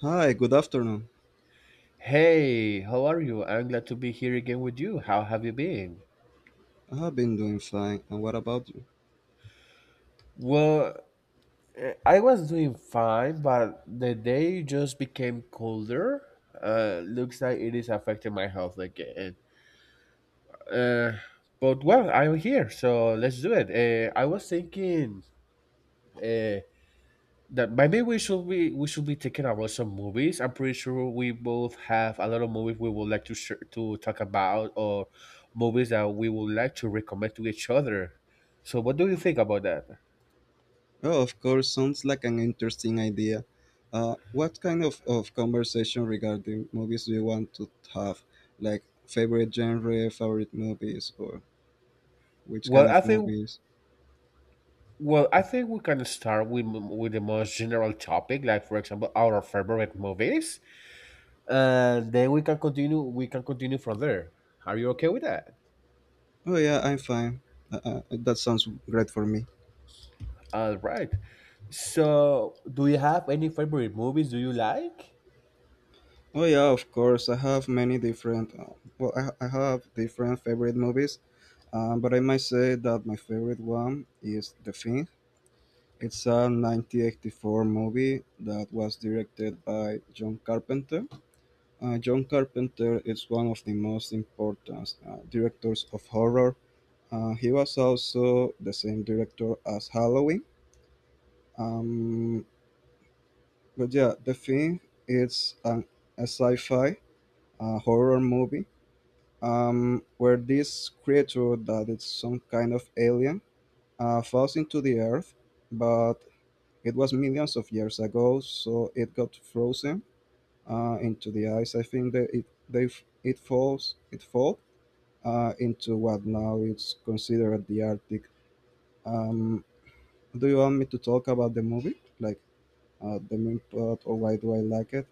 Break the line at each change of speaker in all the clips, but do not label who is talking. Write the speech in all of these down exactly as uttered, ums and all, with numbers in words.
Hi, good afternoon.
Hey, how are you? I'm glad to be here again with you. How have you been?
I have been doing fine. And what about you?
Well, eh, I was doing fine, but the day just became colder. Uh, looks like it is affecting my health again. Uh, but well, I'm here, so let's do it. Uh, I was thinking, uh, that maybe we should be we should be taking about some movies. I'm pretty sure we both have a lot of movies we would like to share, to talk about, or movies that we would like to recommend to each other. So what do you think about that?
Oh, of course, sounds like an interesting idea. Uh, what kind of, of conversation regarding movies do you want to have? Like favorite genre, favorite movies, or which
Well,
kind
I
of
think,
movies?
well I think we can start with with the most general topic, like for example our favorite movies, and then we can continue we can continue from there. Are you okay with that?
Oh, yeah, I'm fine. Uh, uh, that sounds great for me.
All right. So, do you have any favorite movies do you like?
Oh, yeah, of course. I have many different, uh, well, I, I have different favorite movies. Um, but I might say that my favorite one is The Thing. It's a nineteen eighty-four movie that was directed by John Carpenter. Uh, John Carpenter is one of the most important uh, directors of horror. Uh, he was also the same director as Halloween. Um, but yeah, the thing is an, a sci-fi uh, horror movie, um, where this creature that is some kind of alien uh, falls into the earth. But it was millions of years ago, so it got frozen uh, into the ice. I think that it they f- it falls it fall uh, into what now is considered the Arctic. Um, do you want me to talk about the movie, like uh, the main plot, or why do I like it?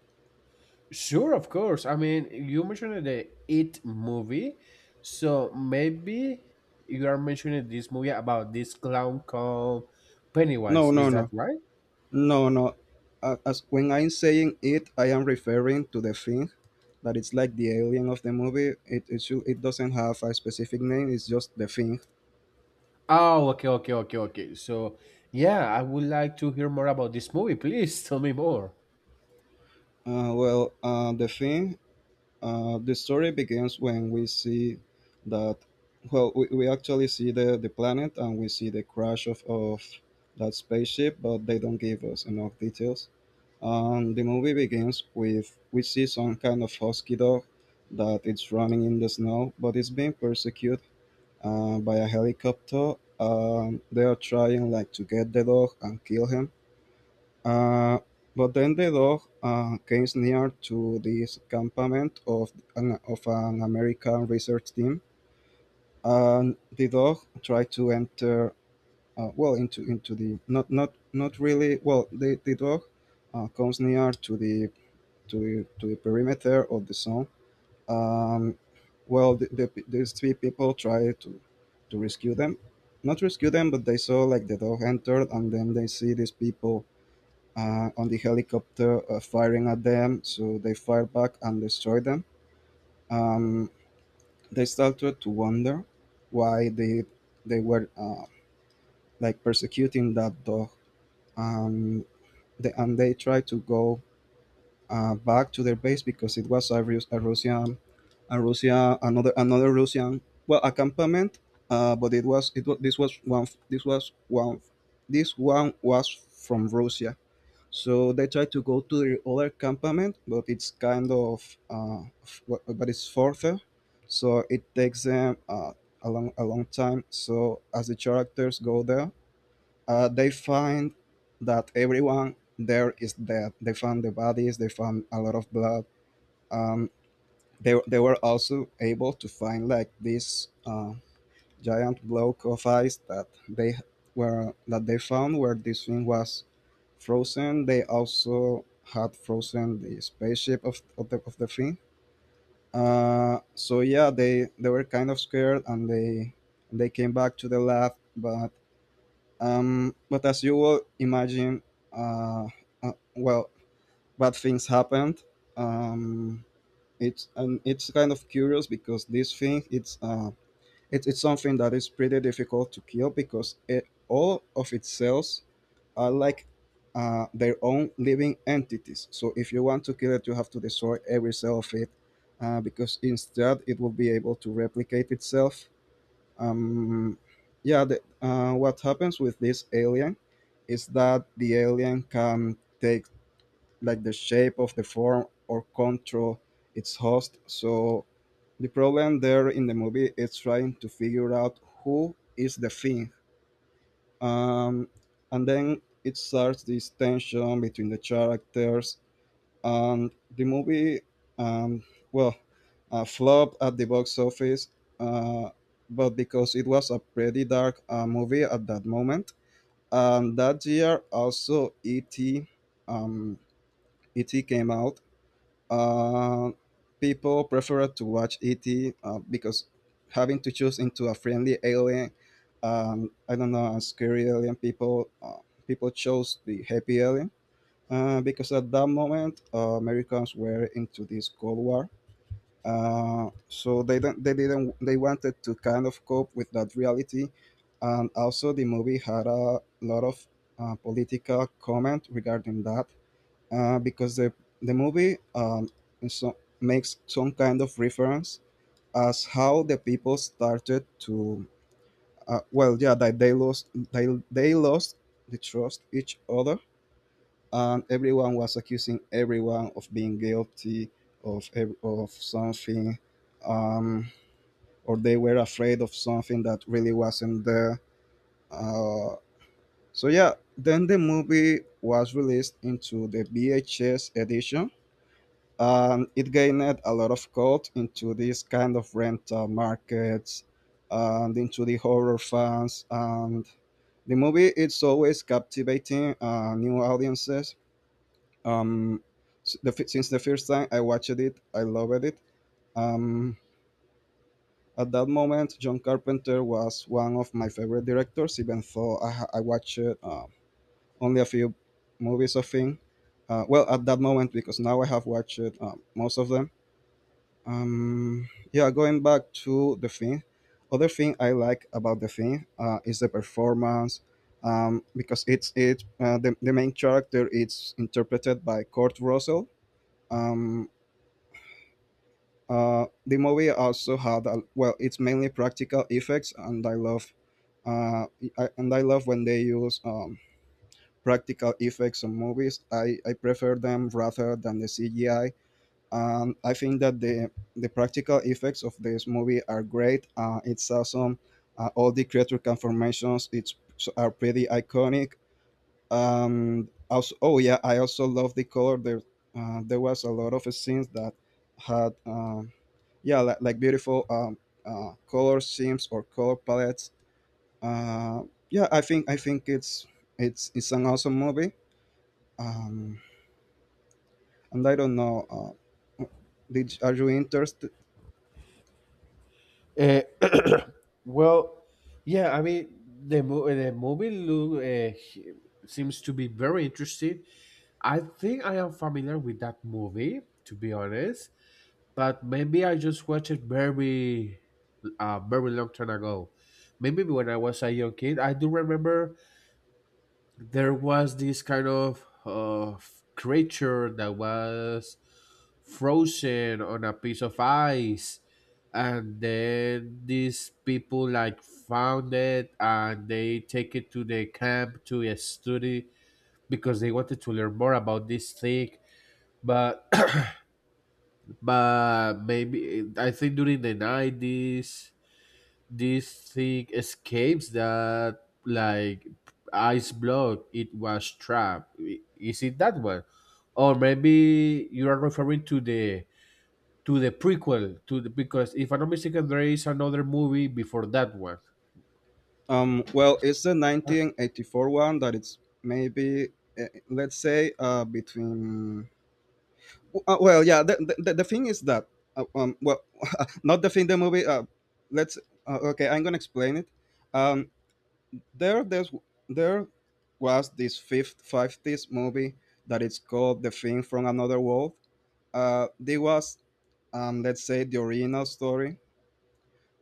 Sure, of course. I mean, you mentioned the It movie, so maybe you are mentioning this movie about this clown called
No,
Pennywise. Is
no,
that
no,
right?
no, no. Uh, as when I'm saying it, I am referring to the thing, that it's like the alien of the movie. It it should, it doesn't have a specific name. It's just the thing.
Oh, okay, okay, okay, okay. So, yeah, I would like to hear more about this movie. Please tell me more.
Uh, well, uh, the thing Uh, the story begins when we see that, well, we, we actually see the, the planet and we see the crash of, of that spaceship, but they don't give us enough details. And the movie begins with we see some kind of husky dog that it's running in the snow, but it's being persecuted uh, by a helicopter. Um, they are trying like to get the dog and kill him. uh, but then the dog uh, came near to this campament of an, of an American research team, and the dog tried to enter. Uh, well, into into the not not not really. Well, the the dog uh, comes near to the to the, to the perimeter of the zone. Um, well, the, the, these three people tried to to rescue them, not rescue them, but they saw like the dog entered, and then they see these people uh, on the helicopter uh, firing at them, so they fired back and destroyed them. Um, they started to wonder why they they were uh, like persecuting that dog. um, they, and they tried to go uh, back to their base because it was a, Rus- a Russian, a Russia, another another Russian, well, a campament, uh, but it was it was this was one this was one this one was from Russia. So they try to go to the other campament, but it's kind of uh, f- but it's further, so it takes them uh, a long a long time. So as the characters go there, uh, they find that everyone there is dead. They found the bodies. They found a lot of blood. Um, they they were also able to find like this. Uh, giant block of ice that they were that they found where this thing was frozen. They also had frozen the spaceship of, of the of the thing. Uh, so yeah, they they were kind of scared and they they came back to the lab. But um, but as you will imagine, uh, uh, well, bad things happened. Um, it's and it's kind of curious because this thing it's uh, it, it's something that is pretty difficult to kill because it, all of its cells are like uh, their own living entities. So if you want to kill it, you have to destroy every cell of it, uh, because instead it will be able to replicate itself. Um, yeah, the, uh, what happens with this alien is that the alien can take like the shape of the form or control its host. So the problem there in the movie is trying to figure out who is the thing. Um, and then it starts this tension between the characters. And the movie, um, well, uh, flopped at the box office, uh, but because it was a pretty dark uh, movie at that moment. And that year also, E T. Um, E T came out. uh, People prefer to watch E T uh, because having to choose into a friendly alien, um, I don't know, a scary alien. People uh, people chose the happy alien uh, because at that moment uh, Americans were into this Cold War. Uh, so they don't, they didn't, they wanted to kind of cope with that reality. And also the movie had a lot of uh, political comment regarding that, uh, because the the movie, um, so, makes some kind of reference as how the people started to, uh, well yeah, that they lost they, they lost the trust each other, and everyone was accusing everyone of being guilty of ev- of something, um, or they were afraid of something that really wasn't there. uh, so yeah, then the movie was released into the vhs edition, and it gained a lot of cult into this kind of rental markets and into the horror fans, and the movie is always captivating uh, new audiences. um, s- the, fi- since the first time I watched it I loved it. um, at that moment John Carpenter was one of my favorite directors, even though i, ha- I watched uh, only a few movies of him, uh, well at that moment, because now I have watched uh, most of them. Um yeah, going back to the thing, other thing I like about the thing uh, is the performance, um because it's it uh, the, the main character is interpreted by Kurt Russell. um uh the movie also had a, well, it's mainly practical effects and I love, uh I, and I love when they use, um practical effects on movies. I i prefer them rather than the C G I, and I think that the the practical effects of this movie are great. Uh, it's awesome. Uh, all the creature conformations it's so, are pretty iconic. Um, also, oh yeah, I also love the color. There uh, there was a lot of scenes that had um, yeah like, like beautiful, um, uh, color schemes or color palettes. Uh, yeah, I think I think it's it's it's an awesome movie. Um, and I don't know. Uh, did Are you interested?
Uh, well, yeah, I mean, the movie, the movie look, uh, seems to be very interesting. I think I am familiar with that movie, to be honest, but maybe I just watched it very, uh, very long time ago. Maybe when I was a young kid, I do remember there was this kind of uh, creature that was frozen on a piece of ice, and then these people like found it and they take it to the camp to study because they wanted to learn more about this thing, but. But maybe I think during the nineties this thing escapes that, like, ice block it was trapped. I- Is it that one? Or maybe you are referring to the to the prequel to the because if I'm not mistaken there is another movie before that one.
Um, well, it's the nineteen eighty-four one that it's maybe, uh, let's say, uh, between. Uh, well, yeah, the, the, the thing is that, uh, um, well, not the thing, the movie. Uh, let's. Uh, okay, I'm gonna explain it. Um, there, there's, there was this fifth, fifties movie that it's called The Thing from Another World. Uh, this was, um, let's say, the original story,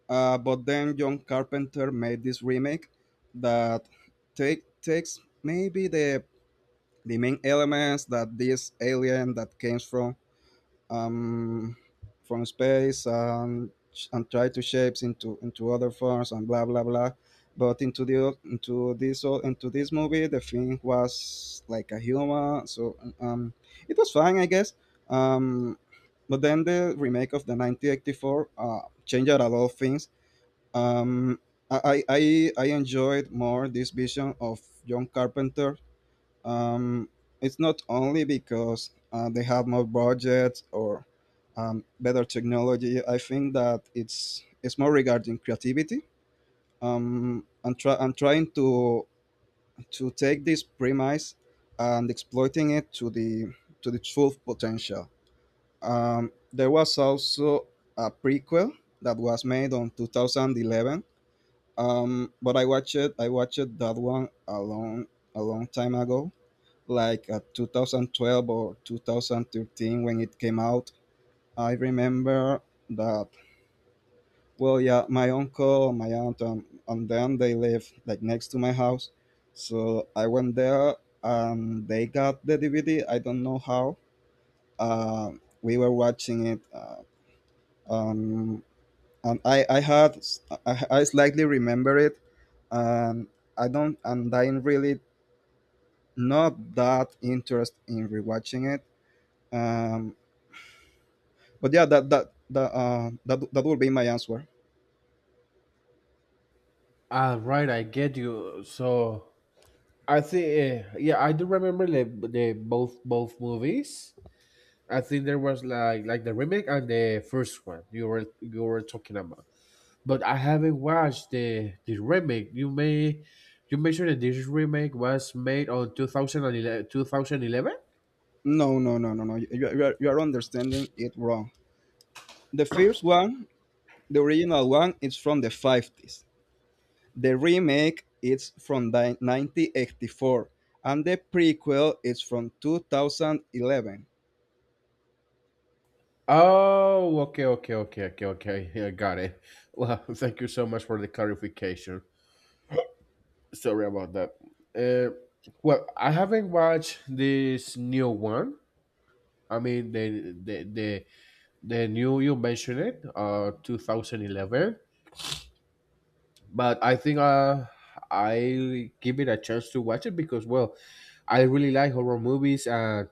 uh, but then John Carpenter made this remake that take, takes maybe the the main elements, that this alien that came from, um, from space, and and try to shapes into into other forms, and blah blah blah. But into the into this into this movie, the thing was like a human, so um, it was fine, I guess. Um, but then the remake of the nineteen eighty-four uh, changed a lot of things. um, I, I, I enjoyed more this vision of John Carpenter. Um, it's not only because uh, they have more budget or, um, better technology. I think that it's it's more regarding creativity. Um, and try and Trying to to take this premise and exploiting it to the to the full potential. Um, there was also a prequel that was made on two thousand eleven, um, but I watched it. I watched that one a long, a long time ago, like uh, two thousand twelve or twenty thirteen when it came out. I remember that. Well, yeah, my uncle, my aunt, um, and them, they live like next to my house, so I went there and they got the D V D. I don't know how. Uh, we were watching it. Uh, um, and I I had, I I slightly remember it, and I don't and I'm really not that interested in rewatching it. Um, but yeah, that that that uh, that that will be my answer.
Ah, right, I get you. So I think, uh, yeah, I do remember the, the both both movies. I think there was, like like the remake and the first one you were you were talking about. But I haven't watched the the remake. You may— you mentioned that this remake was made on two thousand eleven, twenty eleven?
No, no, no, no, no. You, you, are, you are understanding it wrong. The first one, the original one, is from the fifties. The remake is from the nineteen eighty-four, and the prequel is from two thousand eleven.
Oh, okay, okay, okay, okay, okay. Yeah, got it. Well, thank you so much for the clarification. Sorry about that. Uh, well, I haven't watched this new one. I mean, the the the, the new, you mentioned it, uh, two thousand eleven. But I think uh, I give it a chance to watch it because, well, I really like horror movies, and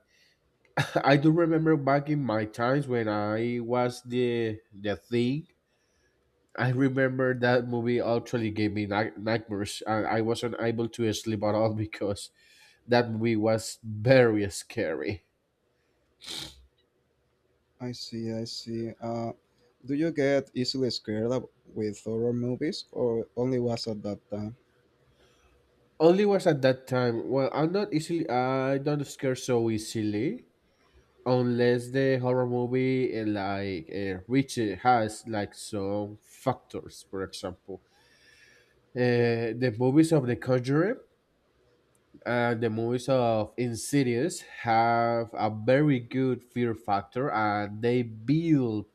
I do remember back in my times when I was— the the thing. I remember that movie actually gave me night- nightmares, and I wasn't able to sleep at all because that movie was very scary.
I see, I see. Uh, do you get easily scared up with horror movies, or only was at that time?
Only was at that time. Well, I'm not easily. I don't scare so easily unless the horror movie, uh, like, uh, which, uh, has like some factors. For example, uh, the movies of the Conjuring and the movies of Insidious have a very good fear factor, and they build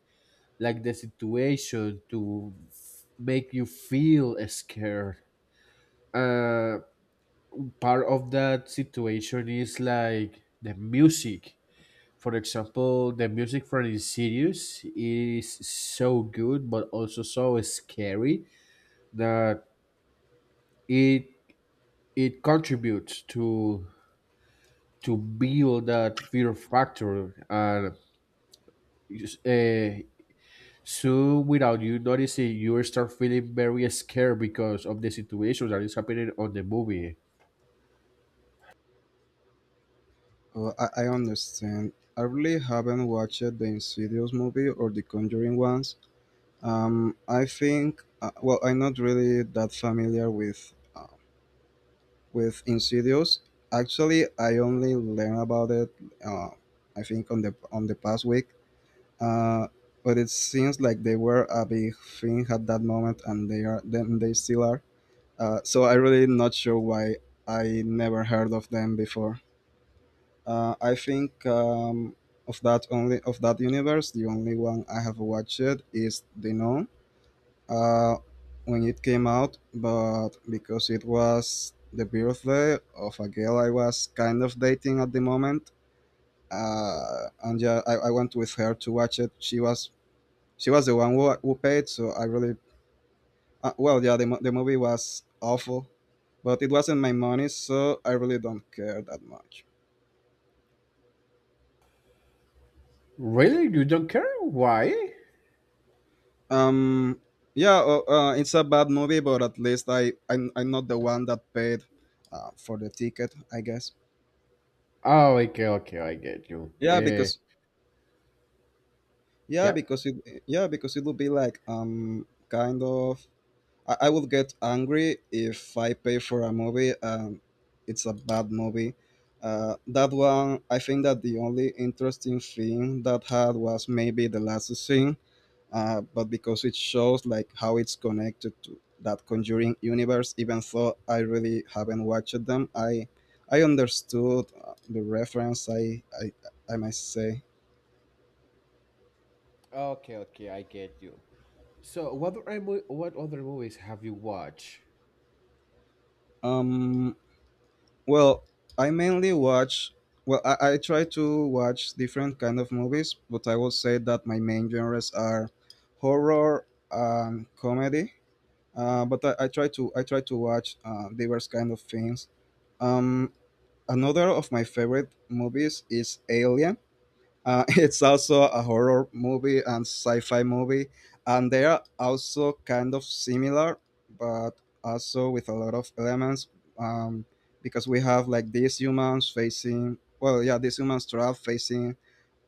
like the situation to f- make you feel scared. uh, Part of that situation is like the music. For example, the music from this series is so good, but also so scary that it it contributes to to build that fear factor, and uh, so without you noticing, you start feeling very scared because of the situation that is happening on the movie.
Oh, I, I understand. I really haven't watched the Insidious movie or the Conjuring ones. Um, I think, uh, well, I'm not really that familiar with, uh, with Insidious. Actually, I only learned about it. Uh, I think on the on the past week. Uh, but it seems like they were a big thing at that moment, and they are. Then they still are. Uh, so I really not sure why I never heard of them before. Uh, I think um, of that only of that universe, the only one I have watched is The Known uh, when it came out, but because it was the birthday of a girl I was kind of dating at the moment, uh, and yeah, I, I went with her to watch it. She was she was the one who, who paid, so I really. Uh, well, yeah, the, mo- the movie was awful, but it wasn't my money, so I really don't care that much.
Really, you don't care why?
Um, yeah, uh, uh, it's a bad movie, but at least I I'm, I'm not the one that paid uh, for the ticket, I guess.
Oh, okay, okay, I get you.
Yeah,
Uh
because yeah,
yeah.
because it yeah, because it would be like um kind of, I, I would get angry if I pay for a movie and it's a bad movie. Uh, that one, I think that the only interesting thing that had was maybe the last scene, uh, but because it shows like how it's connected to that Conjuring universe, even though I really haven't watched them, I I understood uh, the reference. I I, I must say.
Okay, okay, I get you. So, what other mo- what other movies have you watched?
Um, Well, I mainly watch. Well, I, I try to watch different kind of movies, but I will say that my main genres are horror and comedy. Uh, but I, I try to I try to watch uh, diverse kind of things. Um, Another of my favorite movies is Alien. Uh, it's also a horror movie and sci-fi movie, and they are also kind of similar, but also with a lot of elements. Um, because we have like these humans facing, well, yeah, these humans trap facing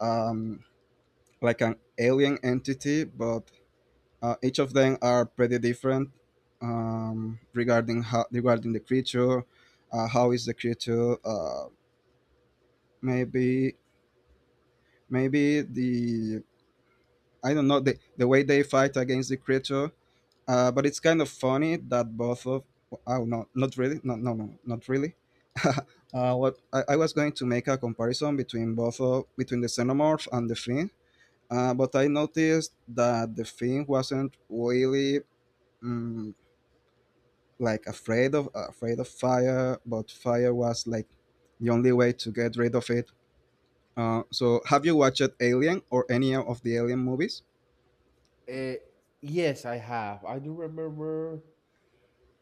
um, like an alien entity, but uh, each of them are pretty different um, regarding how regarding the creature. Uh, how is the creature? Uh, maybe Maybe the, I don't know, the, the way they fight against the creature. Uh, but it's kind of funny that both of, oh no, not really, no, no, no, not really. uh, what I, I was going to make a comparison between both of between the xenomorph and the fiend. Uh, but I noticed that the fiend wasn't really, mm like afraid of afraid of fire, but fire was like the only way to get rid of it. Uh, so have you watched Alien or any of the Alien movies?
Uh, yes, I have. I do remember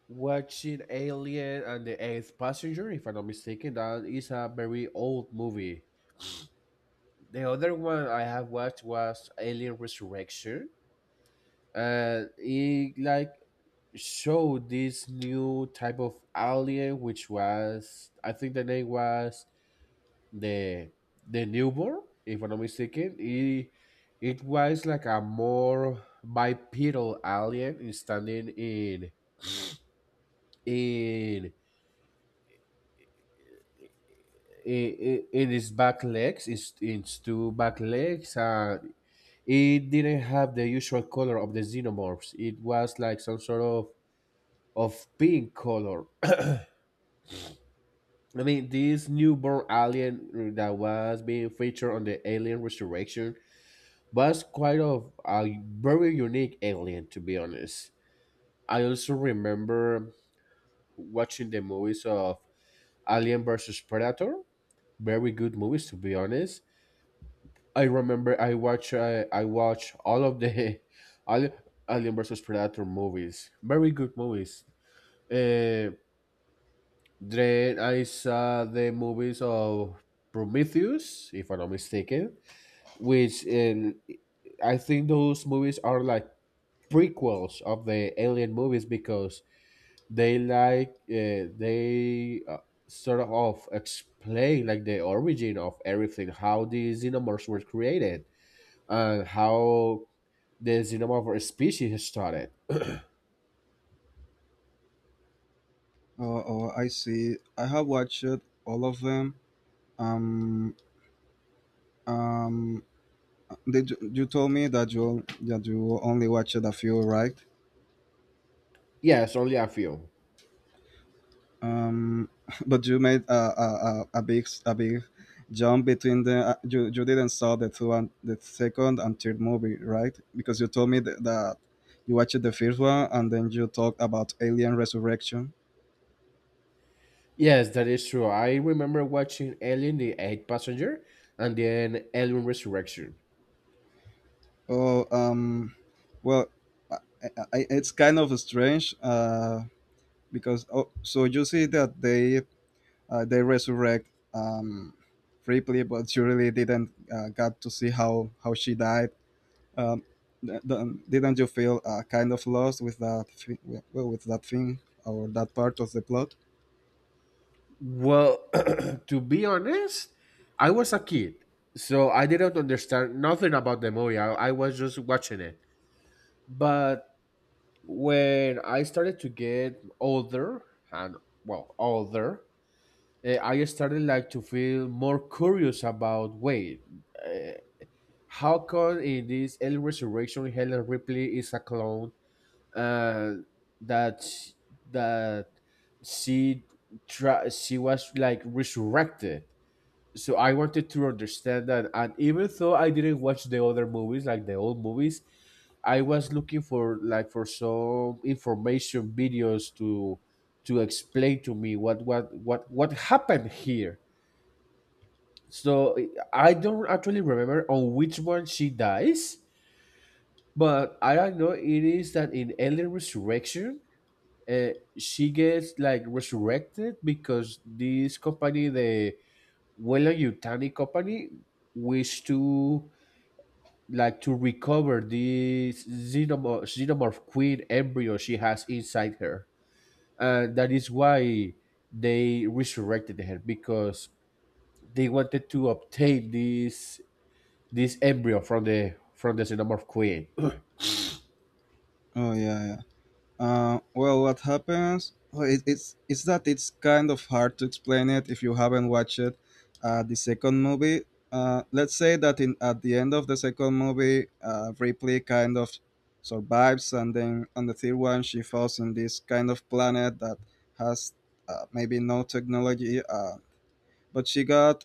watching Alien and the Eighth Passenger, if I'm not mistaken. That is a very old movie. The other one I have watched was Alien Resurrection. And it, like, showed this new type of alien, which was— I think the name was the the newborn, if I'm not mistaken. it it was like a more bipedal alien, is standing in in in, in his back legs, its, its two back legs, and it didn't have the usual color of the xenomorphs. It was like some sort of of pink color. I mean, this newborn alien that was being featured on the Alien Resurrection. But it's quite of a very unique alien, to be honest. I also remember watching the movies of Alien versus Predator. Very good movies, to be honest. I remember I watch I, I watch all of the Ali- Alien versus Predator movies. Very good movies. Uh, then I saw the movies of Prometheus, if I'm not mistaken, which, uh, I think those movies are like prequels of the Alien movies because they, like, uh, they uh, sort of of explain like the origin of everything, how the xenomorphs were created, and how the xenomorph species started.
Oh, oh, I see. I have watched all of them. Um, um, did you, you told me that you that you only watched a few, right?
Yes, only a few.
Um, but you made a, a, a, a big a big jump between the uh, you, you didn't saw the two and the second and third movie, right? Because you told me th- that you watched the first one and then you talked about Alien Resurrection.
Yes, that is true. I remember watching Alien: The Eighth Passenger and then Alien Resurrection.
Oh, um, well, I, I, it's kind of strange uh, because, oh, so you see that they uh, they resurrect um, Ripley, but you really didn't uh, got to see how how she died, um, th- th- didn't you feel uh, kind of lost with that thi- well, with that thing or that part of the plot?
Well, to be honest, I was a kid, so I didn't understand nothing about the movie. I, I was just watching it. But when I started to get older, and, well, older, eh, I started, like, to feel more curious about— wait, eh, how come in this Alien Resurrection, Helen Ripley is a clone, and that that she— tra- she was, like, resurrected. So I wanted to understand that, and even though I didn't watch the other movies, like the old movies, I was looking for, like, for some information videos to to explain to me what what what what happened here. So I don't actually remember on which one she dies, but I don't know— it is that in Alien Resurrection, uh, she gets like resurrected because this company, the whether Yutani company, wish to like to recover this xenomorph, xenomorph queen embryo she has inside her, and that is why they resurrected her, because they wanted to obtain this this embryo from the from the xenomorph queen.
Oh yeah, yeah. Uh, well, what happens? Oh, it, it's it's that it's kind of hard to explain it if you haven't watched it. Uh, the second movie. Uh, let's say that in at the end of the second movie, uh, Ripley kind of survives, and then on the third one, she falls in this kind of planet that has uh, maybe no technology. Uh, but she got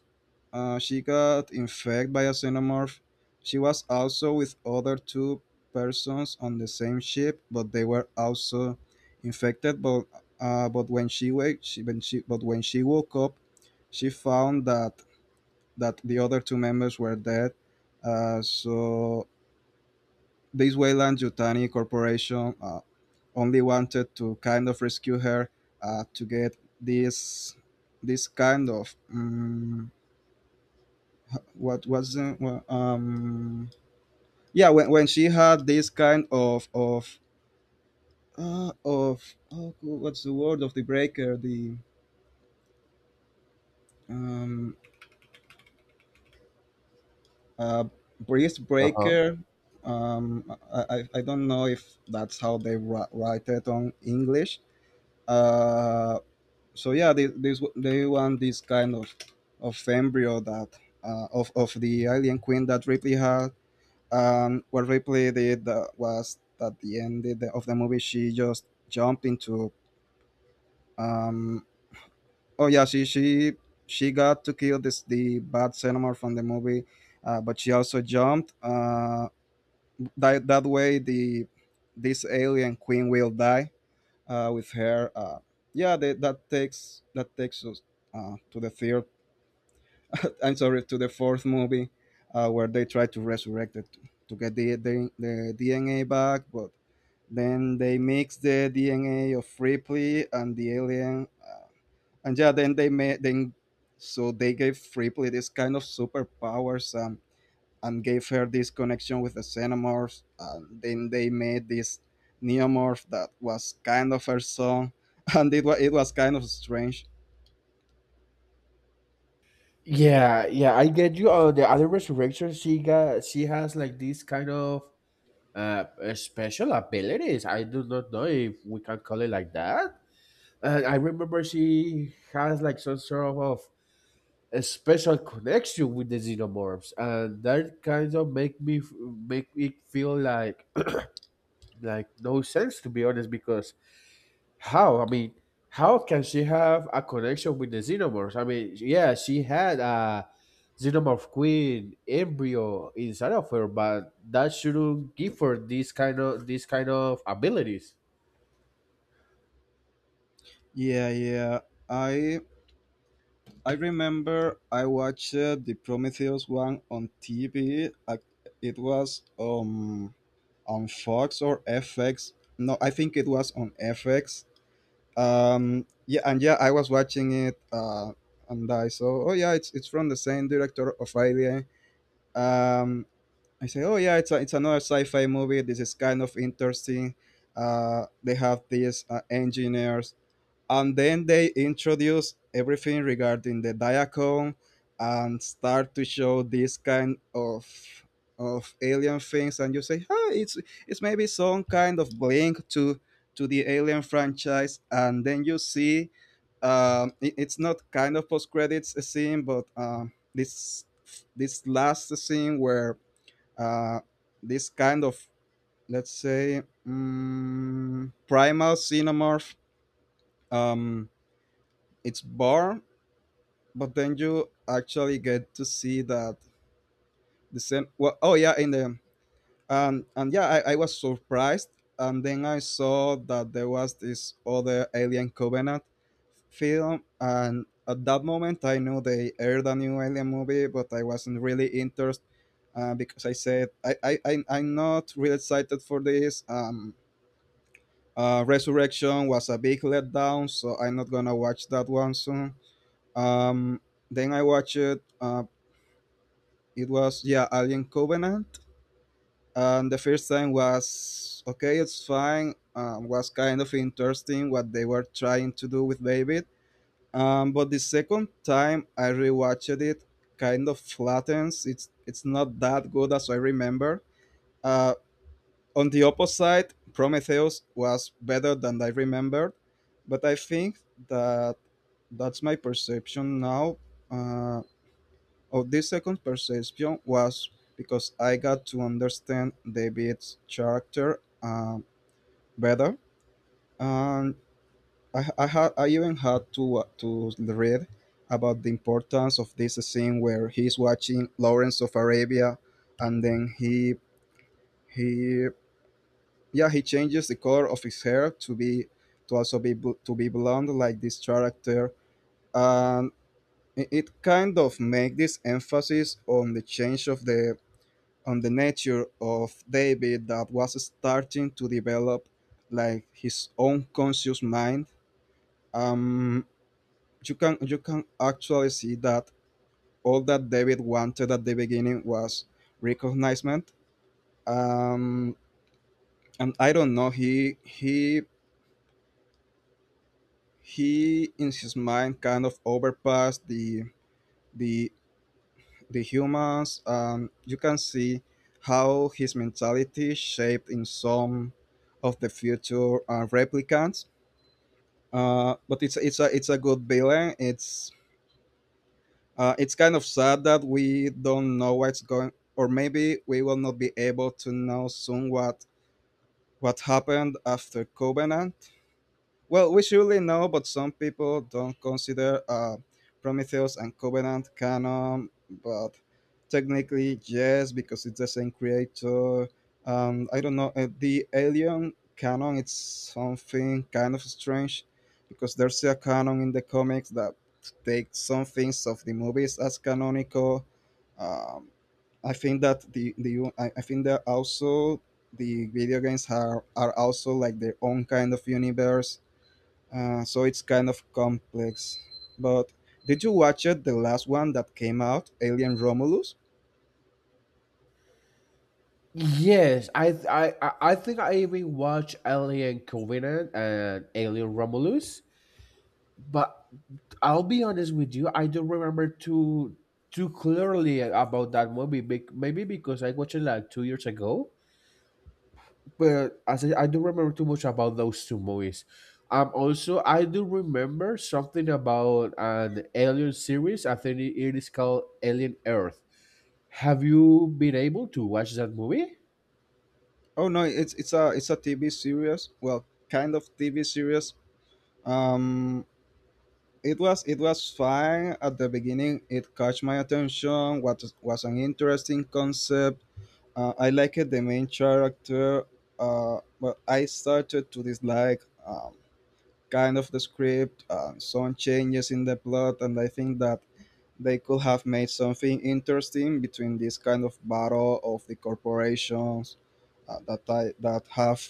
Uh, she got infected by a xenomorph. She was also with other two persons on the same ship, but they were also infected. But uh, but when she wake, she, when she but when she woke up, she found that that the other two members were dead. Uh, so this Wayland Yutani Corporation uh, only wanted to kind of rescue her uh, to get this, this kind of um, what was the, um, yeah, when, when she had this kind of of uh, of oh, what's the word of the breaker, the um uh breast
Uh huh.
breaker, um I, I I don't know if that's how they wri- write it on english. Uh so yeah, they they, they want this kind of of embryo that, uh, of of the alien queen that ripley had. Um what ripley did uh, was at the end of the movie she just jumped into, um oh yeah, she she she got to kill this, the bad cinema from the movie, uh, but she also jumped. Uh, that that way the, this alien queen will die uh, with her. Uh, yeah, they, that takes that takes us uh, to the third. I'm sorry, to the fourth movie, uh, where they try to resurrect it to get the, the the D N A back, but then they mix the D N A of Ripley and the alien, uh, and yeah then they made then, so they gave Ripley this kind of superpowers, um, and gave her this connection with the xenomorphs, and then they made this neomorph that was kind of her son and it was it was kind of strange.
Yeah, yeah, I get you. Uh, the other resurrection, she got, she has like this kind of uh uh, special abilities. I do not know if we can call it like that, and I remember she has like some sort of of a special connection with the xenomorphs, and that kind of make me f- make it feel like like no sense, to be honest. Because how? I mean, how can she have a connection with the xenomorphs? I mean, yeah, she had a xenomorph queen embryo inside of her, but that shouldn't give her this kind of this kind of abilities.
Yeah yeah I I remember I watched uh, the prometheus one on TV. It was um On fox or fx. No, I think it was on fx. Um, yeah, and yeah, I was watching it, uh, and I saw, oh yeah, it's it's from the same director of Alien. Um, I say, oh yeah, it's a, it's another sci-fi movie. This is kind of interesting. Uh, they have these uh, engineers and then they introduce everything regarding the diacon and start to show this kind of of alien things, and you say ah, it's it's maybe some kind of link to to the alien franchise, and then you see, um, it- it's not kind of post credits scene but um, this this last scene where uh, this kind of, let's say, mm primal xenomorph, um, it's born, but then you actually get to see that the same. Well, oh yeah, in the, and and yeah, I, I was surprised, and then I saw that there was this other Alien Covenant film, and at that moment I knew they aired a new Alien movie, but I wasn't really interested. Uh, because I said I, I, I, I'm not really excited for this. Um, uh, Resurrection was a big letdown, so I'm not gonna watch that one soon. Um, then I watched uh, it was yeah, Alien Covenant, and the first time was okay, it's fine. Um, was kind of interesting what they were trying to do with Baby. Um, but the second time I rewatched it, kind of flattens. It's it's not that good as I remember. Uh, on the opposite, Prometheus was better than I remembered, but I think that that's my perception now. Uh, of this second perception was because I got to understand David's character, um, better, and I, I had I even had to uh, to read about the importance of this scene where he's watching Lawrence of Arabia, and then he he yeah he changes the color of his hair to be, to also be bl- to be blonde like this character, and it it kind of make this emphasis on the change of the, on the nature of David that was starting to develop like his own conscious mind. Um, you can you can actually see that all that David wanted at the beginning was recognition. Um, and I don't know, he he he in his mind kind of overpassed the the the humans. Um, you can see how his mentality shaped in some of the future uh, replicants. Uh, but it's it's a it's a good villain. It's uh, it's kind of sad that we don't know what's going, or maybe we will not be able to know soon what what happened after Covenant. Well, we surely know, but some people don't consider uh, Prometheus and Covenant canon, but technically, yes, because it's the same creator. Um, I don't know. Uh, the Alien canon, it's something kind of strange because there's a canon in the comics that takes some things of the movies as canonical. Um, I think that the, the I, I think that also the video games are, are also like their own kind of universe, uh, so it's kind of complex. But did you watch it? The last one that came out, Alien Romulus.
Yes, I th- I I I think I even watched Alien Covenant and Alien Romulus, but I'll be honest with you, I don't remember too too clearly about that movie. bec- Maybe because I watched it like two years ago, but as I, I don't remember too much about those two movies. Um, also, I do remember something about an alien series. I think it it is called Alien Earth. Have you been able to watch that movie?
Oh no, it's it's a it's a T V series. Well, kind of T V series. Um, it was it was fine at the beginning. It caught my attention. What was was an interesting concept. Uh, I liked the main character. Uh, but I started to dislike um, kind of the script, uh, some changes in the plot, and I think that they could have made something interesting between this kind of battle of the corporations uh, that I, that have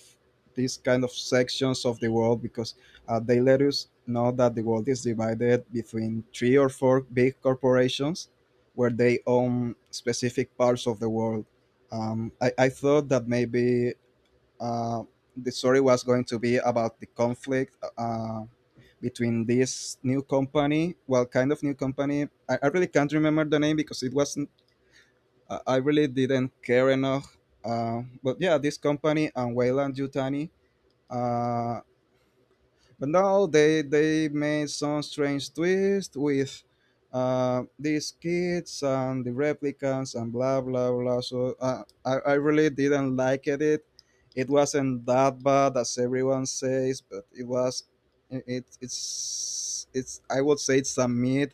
these kind of sections of the world because uh, they let us know that the world is divided between three or four big corporations where they own specific parts of the world. Um, I, I thought that maybe uh, the story was going to be about the conflict. Uh, between this new company, well, kind of new company. I, I really can't remember the name because it wasn't. I I really didn't care enough. Uh, but yeah, this company and Wayland Yutani. Uh, but now they they made some strange twist with uh, these kids and the replicants and blah blah blah. So uh, I I really didn't like it. It it wasn't that bad as everyone says, but it was it it- it's it's, I would say, it's a mid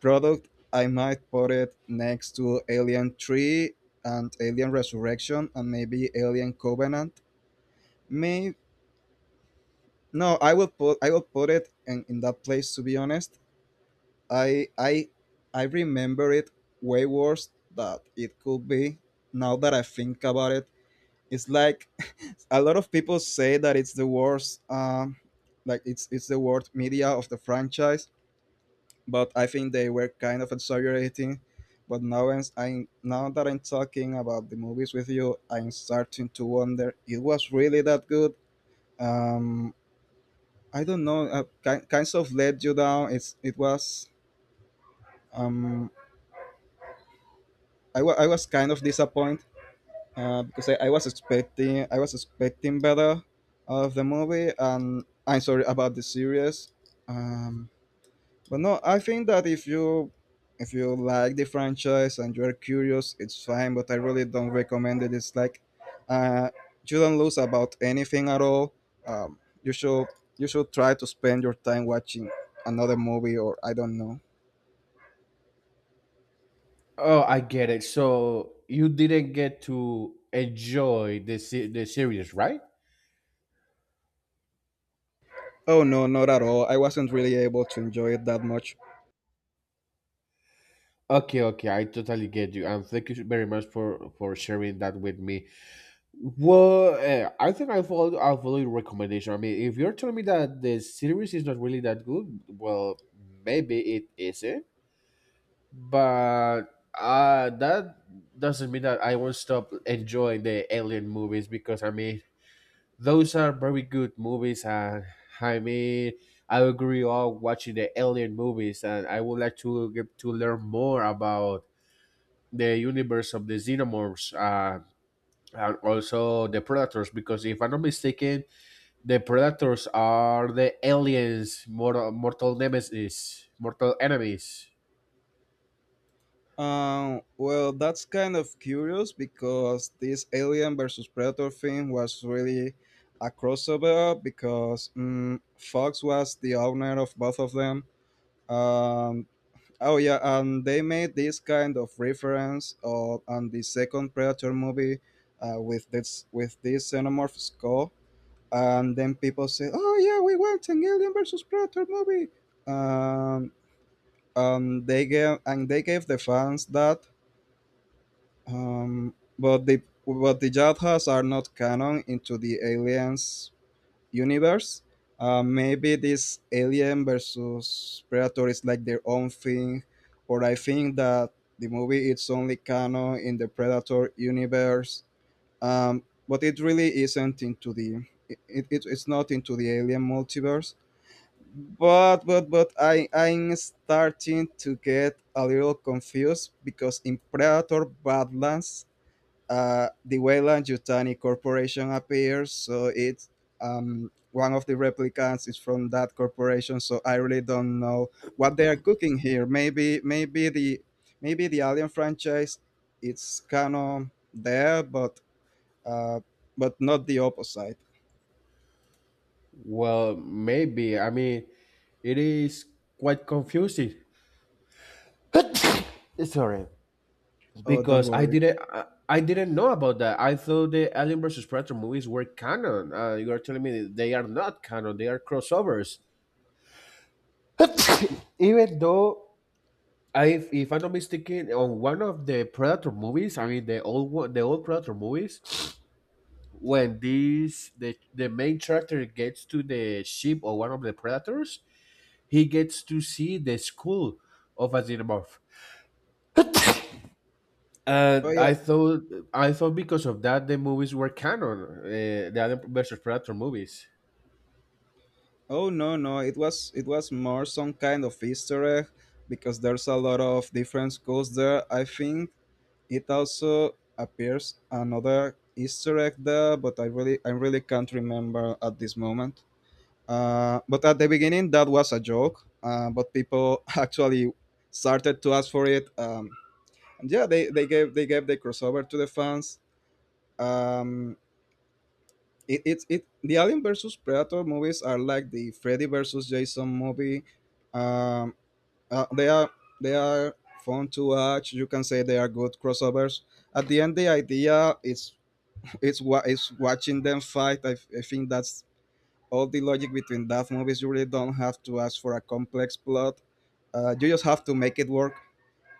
product. I might put it next to Alien Three and Alien Resurrection and maybe Alien Covenant. May— no, I will put I will put it in, in that place, to be honest. I I I remember it way worse that it could be, now that I think about it. It's like a lot of people say that it's the worst um like it's it's the worst media of the franchise, but I think they were kind of exaggerating. But now I'm, I now that I'm talking about the movies with you, I'm starting to wonder it was really that good. Um I don't know, uh, kind, kinds of let you down. It's it was um I, wa- I was kind of disappointed uh, because I, I was expecting— I was expecting better of the movie, and I'm sorry about the series. Um, but no, I think that if you if you like the franchise and you are curious, it's fine. But I really don't recommend it. It's like uh, you don't lose about anything at all. Um, you should you should try to spend your time watching another movie or I don't know.
Oh, I get it. So you didn't get to enjoy the— se- the series, right?
Oh no, not at all. I wasn't really able to enjoy it that much.
Okay, okay, I totally get you, and thank you very much for for sharing that with me. Well, eh, I think I follow— I followed your recommendation. I mean, if you're telling me that the series is not really that good, well, maybe it isn't. But uh that doesn't mean that I won't stop enjoying the Alien movies, because, I mean, those are very good movies, and, I mean, I agree on watching the Alien movies, and I would like to get to learn more about the universe of the Xenomorphs. Uh, and also the predators, because if I'm not mistaken, the predators are the aliens' mortal, mortal nemesis, mortal enemies.
Um, well, that's kind of curious because this Alien versus Predator thing was really a crossover because mm, Fox was the owner of both of them. Um, oh yeah, and they made this kind of reference uh, on the second Predator movie uh, with this with this xenomorph skull, and then people say, "Oh yeah, we went an Alien versus Predator movie." Um, um, they gave and they gave the fans that, um, but the but the Jadhas are not canon into the aliens universe. Uh, maybe this Alien versus Predator is like their own thing, or I think that the movie, it's only canon in the Predator universe. Um, but it really isn't into the— it, it, it's not into the Alien multiverse, but but but I I'm starting to get a little confused because in Predator Badlands, uh, the Weyland Yutani Corporation appears, so it's— um one of the replicants is from that corporation. So I really don't know what they are cooking here. Maybe maybe the maybe the Alien franchise, it's kind of there, but uh, but not the opposite.
Well, maybe, I mean, it is quite confusing. Sorry.
Oh, don't
Because I
worry.
didn't— I, I didn't know about that. I thought the Alien versus Predator movies were canon. Uh, you are telling me they are not canon, they are crossovers. Even though, I, if, if I'm not mistaken, on one of the Predator movies, I mean the old one, the old Predator movies, when this— the the main character gets to the ship of one of the Predators, he gets to see the skull of a xenomorph.
Oh
And
yeah.
I thought, I thought because of that, the movies were canon, uh, the other versus Predator movies.
Oh no, no, it was— it was more some kind of Easter egg because there's a lot of different schools there. I think it also appears another Easter egg there, but I really I really can't remember at this moment. Uh, but at the beginning, that was a joke. Uh, but people actually started to ask for it. Um, and yeah, they, they gave they gave the crossover to the fans. Um, it, it, it— the Alien versus Predator movies are like the Freddy versus Jason movie. Um, uh, they are— they are fun to watch. You can say they are good crossovers. At the end, the idea is— it's wa- is watching them fight. I, I think that's all the logic between that movies. You really don't have to ask for a complex plot. Uh, you just have to make it work,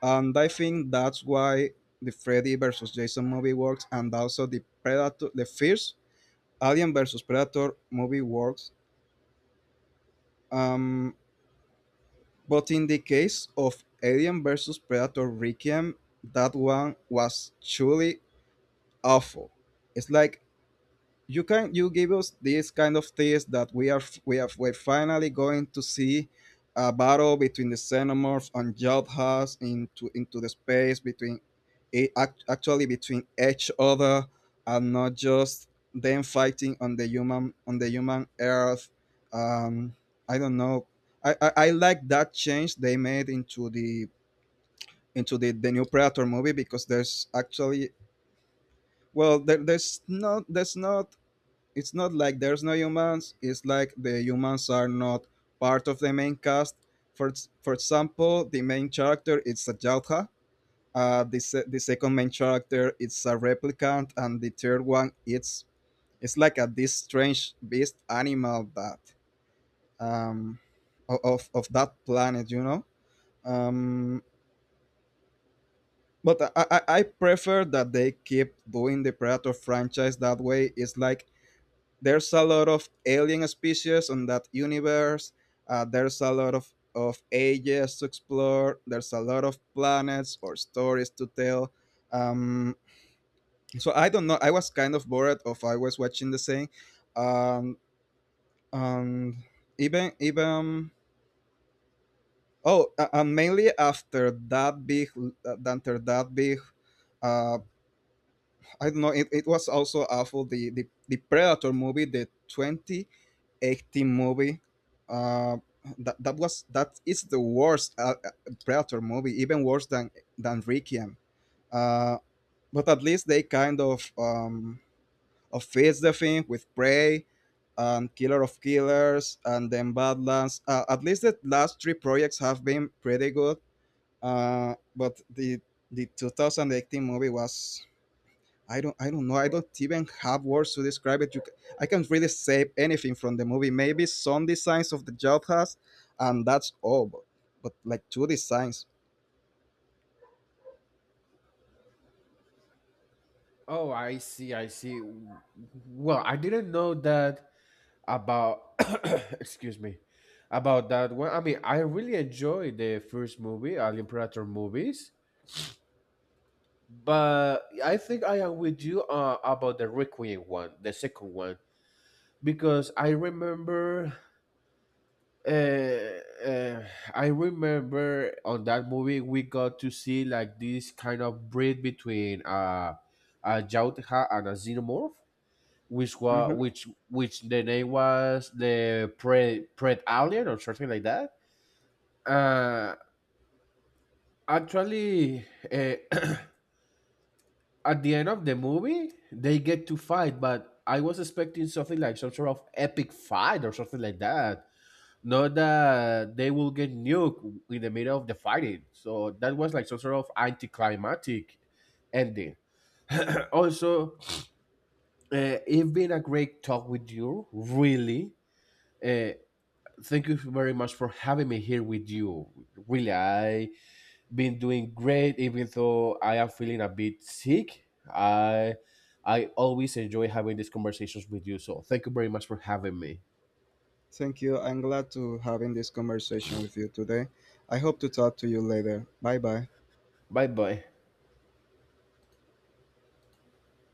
and I think that's why the Freddy versus Jason movie works, and also the Predator, the first Alien vs Predator movie works, um, but in the case of Alien vs Predator Requiem, that one was truly awful. It's like, you can you give us these kind of things that we are we have we're finally going to see a battle between the xenomorphs and Jodhas into— into the space, between eh, act- actually between each other, and not just them fighting on the human on the human earth. um I don't know. i i, I like that change they made into the— into the, the new Predator movie because there's actually— well, there, there's not there's not— it's not like there's no humans, it's like the humans are not part of the main cast. For ex- for example, the main character is a Jatha, uh, the, se- the second main character is a replicant, and the third one, it's it's like a— this strange beast animal that um o- of of that planet, you know. um but I, I, I prefer that they keep doing the Predator franchise that way. It's like there's a lot of alien species on that universe. Uh, there's a lot of, of ages to explore. There's a lot of planets or stories to tell. Um, so I don't know. I was kind of bored of— I was watching the same. Um, um, even Even oh, uh, and mainly after that big uh, after that big uh, I don't know. It, it was also awful. The, the the Predator movie, the twenty. 80 movie. Uh, that, that was— that is the worst uh, uh, Predator movie, even worse than than Requiem. Uh, but at least they kind of um, of fits the thing with Prey and Killer of Killers and then Badlands. Uh, at least the last three projects have been pretty good. Uh, but the the two thousand eighteen movie was— I don't I don't know. I don't even have words to describe it. You, ca- I can't really say anything from the movie. Maybe some designs of the job, and that's all. But, but like two designs.
Oh, I see, I see. Well, I didn't know that about— excuse me— about that one. I mean, I really enjoy the first movie Alien Predator movies, but I think I am with you, uh, about the Requiem one, the second one, because I remember uh, uh, I remember on that movie we got to see like this kind of breed between, uh, a Yautja and a xenomorph, which was,
Hmm.
which which the name was the pred— pred alien or something like that. Uh, Actually, uh, at the end of the movie, they get to fight, but I was expecting something like some sort of epic fight or something like that. Not that they will get nuked in the middle of the fighting. So that was like some sort of anticlimactic ending. Also, uh, it's been a great talk with you, really. Uh, Thank you very much for having me here with you. Really, I been doing great, even though I am feeling a bit sick. I i always enjoy having these conversations with you, so thank you very much for having me.
Thank you. I'm glad to having this conversation with you today. I hope to talk to you later. Bye bye.
Bye bye.